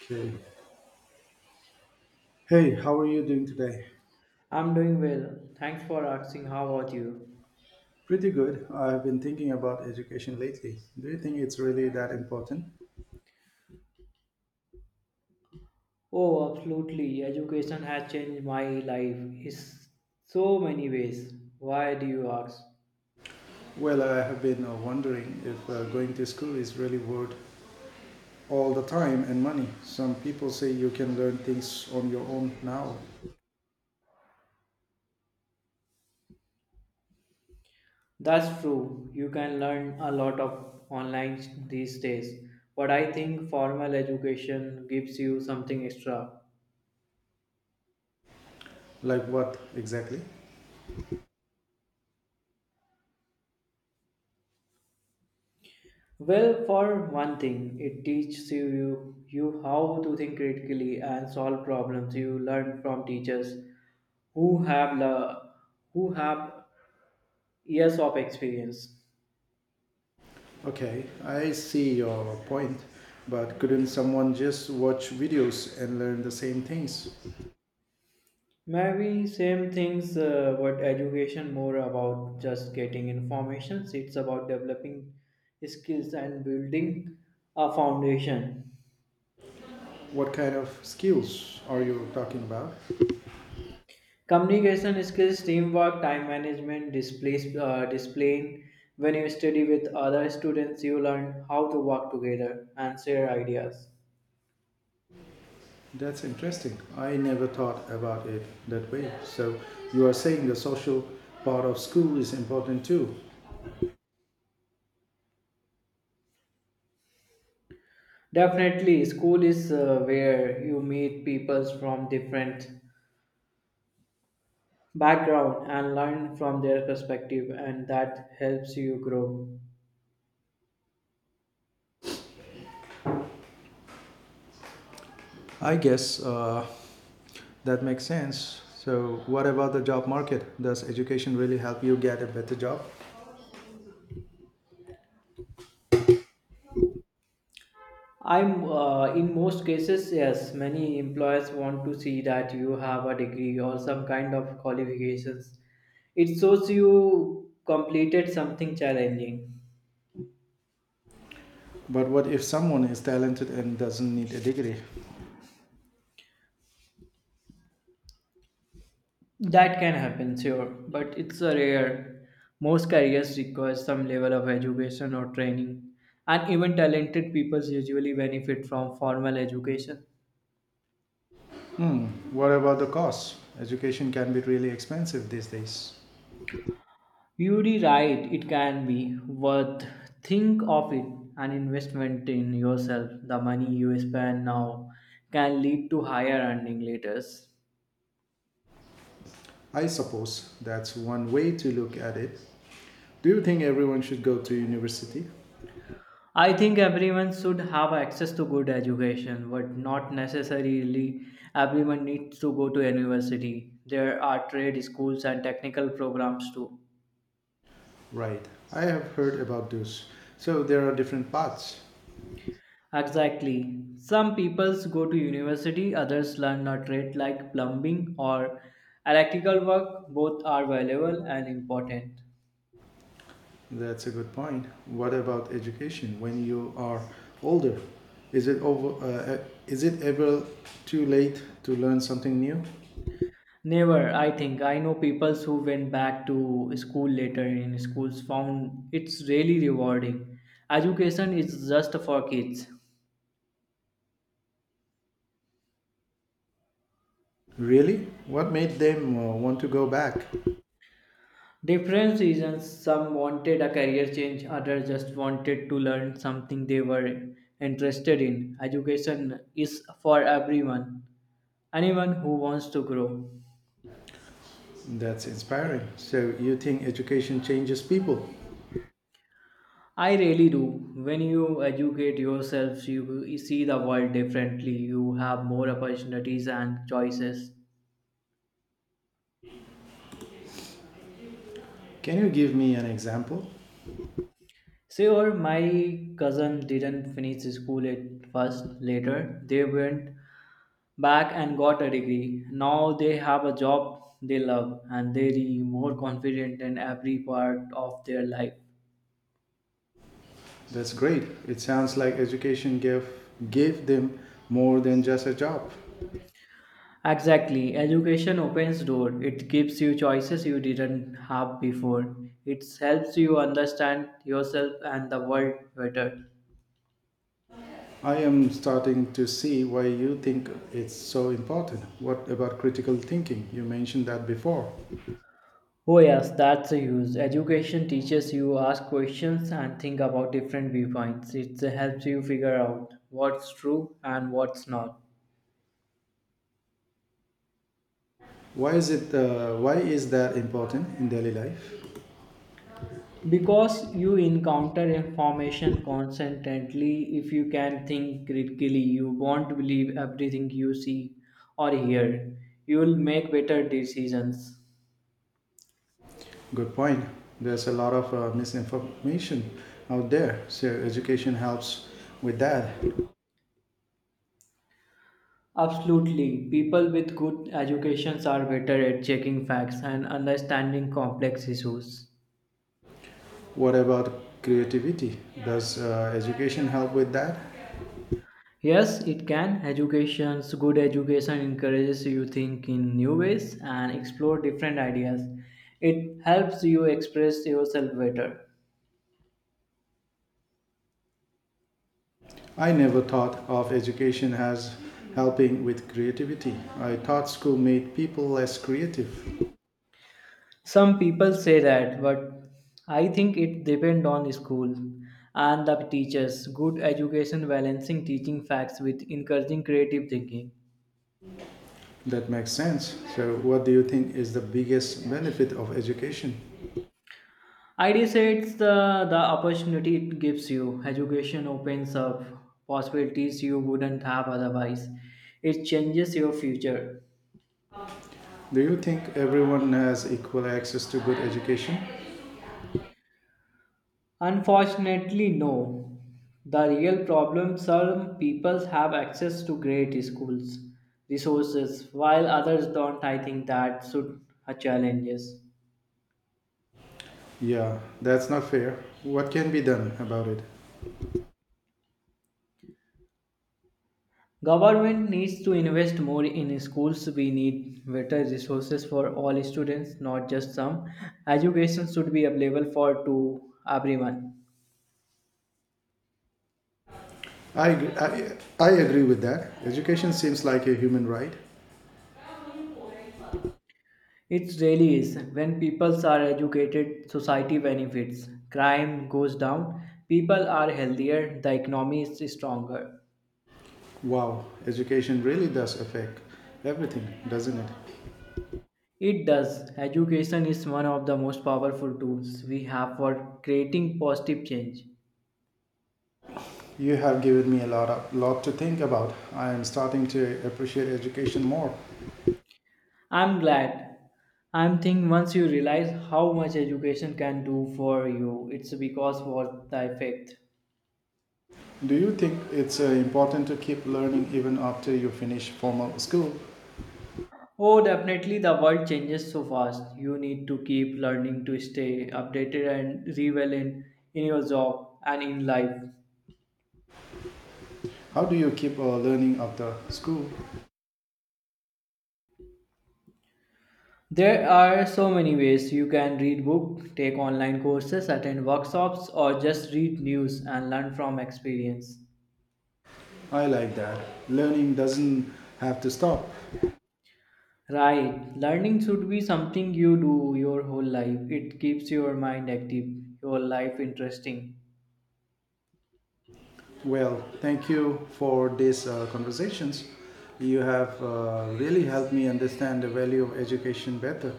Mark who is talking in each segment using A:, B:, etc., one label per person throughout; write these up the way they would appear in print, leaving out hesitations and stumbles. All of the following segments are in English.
A: Okay. Hey, how are you doing today?
B: I'm doing well. Thanks for asking. How about you?
A: Pretty good. I've been thinking about education lately. Do you think it's really that important?
B: Oh, absolutely. Education has changed my life in so many ways. Why do you ask?
A: Well, I have been wondering if going to school is really worth all the time and money. Some people say you can learn things on your own now.
B: That's true. You can learn a lot of online these days, but I think formal education gives you something extra.
A: Like what exactly?
B: Well, for one thing, it teaches you how to think critically and solve problems. You learn from teachers who have la- who have years of experience.
A: Okay, I see your point, but couldn't someone just watch videos and learn the same things?
B: Maybe same things, but education more about just getting information. It's about developing skills and building a foundation.
A: What kind of skills are you talking about?
B: Communication skills, teamwork, time management, displaying. When you study with other students, you learn how to work together and share ideas.
A: That's interesting. I never thought about it that way. So you are saying the social part of school is important too.
B: Definitely, school is where you meet people from different background and learn from their perspective, and that helps you grow.
A: I guess that makes sense. So what about the job market? Does education really help you get a better job?
B: I'm In most cases, yes. Many employers want to see that you have a degree or some kind of qualifications. It shows you completed something challenging.
A: But what if someone is talented and doesn't need a degree?
B: That can happen, sure, but it's a rare. Most careers require some level of education or training, and even talented people usually benefit from formal education.
A: Hmm. What about the cost? Education can be really expensive these days.
B: You're right, it can be worth. Think of it an investment in yourself. The money you spend now can lead to higher earning later.
A: I suppose that's one way to look at it. Do you think everyone should go to university?
B: I think everyone should have access to good education, but not necessarily everyone needs to go to university. There are trade schools and technical programs too.
A: Right. I have heard about those. So there are different paths.
B: Exactly. Some peoples go to university, others learn a trade like plumbing or electrical work. Both are valuable and important.
A: That's a good point. What about education when you are older? Is it over? Is it ever too late to learn something new?
B: Never, I think. I know peoples who went back to school later in schools found it's really rewarding. Education is just for kids.
A: Really? What made them want to go back?
B: Different reasons. Some wanted a career change, others just wanted to learn something they were interested in. Education is for everyone, anyone who wants to grow.
A: That's inspiring. So you think education changes people?
B: I really do. When you educate yourself, you see the world differently. You have more opportunities and choices.
A: Can you give me an example?
B: Sure, my cousin didn't finish school at first. Later, they went back and got a degree. Now they have a job they love, and they are more confident in every part of their life.
A: That's great. It sounds like education gave them more than just a job.
B: Exactly. Education opens door. It gives you choices you didn't have before. It helps you understand yourself and the world better.
A: I am starting to see why you think it's so important. What about critical thinking? You mentioned that before.
B: Oh yes, that's a use. Education teaches you ask questions and think about different viewpoints. It helps you figure out what's true and what's not.
A: Why is it? Why is that important in daily life?
B: Because you encounter information constantly. If you can think critically, you won't believe everything you see or hear. You will make better decisions.
A: Good point. There's a lot of misinformation out there, so education helps with that.
B: Absolutely, people with good educations are better at checking facts and understanding complex issues.
A: What about creativity? Does education help with that?
B: Yes, it can. Educations good education encourages you think in new ways and explore different ideas. It helps you express yourself better.
A: I never thought of education as helping with creativity. I thought school made people less creative.
B: Some people say that, but I think it depends on school and the teachers. Good education balancing teaching facts with encouraging creative thinking.
A: That makes sense. So, what do you think is the biggest benefit of education?
B: I would say it's the opportunity it gives you. Education opens up possibilities you wouldn't have otherwise. It changes your future.
A: Do you think everyone has equal access to good education?
B: Unfortunately, no. The real problem, some people have access to great schools, resources, while others don't. I think that should a challenges.
A: Yeah, that's not fair. What can be done about it?
B: Government needs to invest more in schools. We need better resources for all students, not just some. Education should be available for to everyone.
A: I agree with that. Education seems like a human right.
B: It really is. When people are educated, society benefits. Crime goes down, people are healthier, the economy is stronger.
A: Wow, education really does affect everything, doesn't it?
B: It does. Education is one of the most powerful tools we have for creating positive change.
A: You have given me a lot to think about. I am starting to appreciate education more.
B: I'm glad. I'm think once you realize how much education can do for you, it's because worth the effect.
A: Do you think it's important to keep learning even after you finish formal school?
B: Oh, definitely, the world changes so fast. You need to keep learning to stay updated and relevant in your job and in life.
A: How do you keep learning after school?
B: There are so many ways. You can read books, take online courses, attend workshops, or just read news and learn from experience.
A: I like that. Learning doesn't have to stop.
B: Right, learning should be something you do your whole life. It keeps your mind active, your life interesting.
A: Well, thank you for these conversations. You have really helped me understand the value of education better.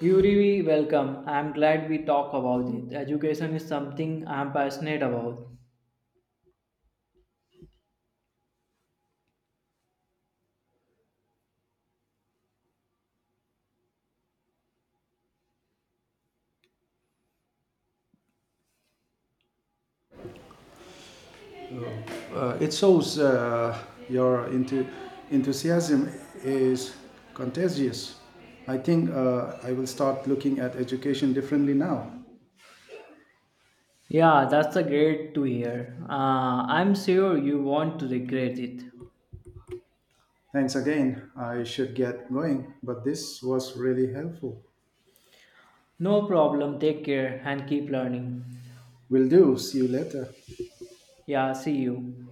B: You really welcome. I'm glad we talk about it. Education is something I'm passionate about.
A: It shows your enthusiasm is contagious. I think I will start looking at education differently now.
B: Yeah, that's a great to hear. I'm sure you won't regret it.
A: Thanks again. I should get going, but this was really helpful.
B: No problem. Take care and keep learning.
A: Will do. See you later.
B: Yeah, see you.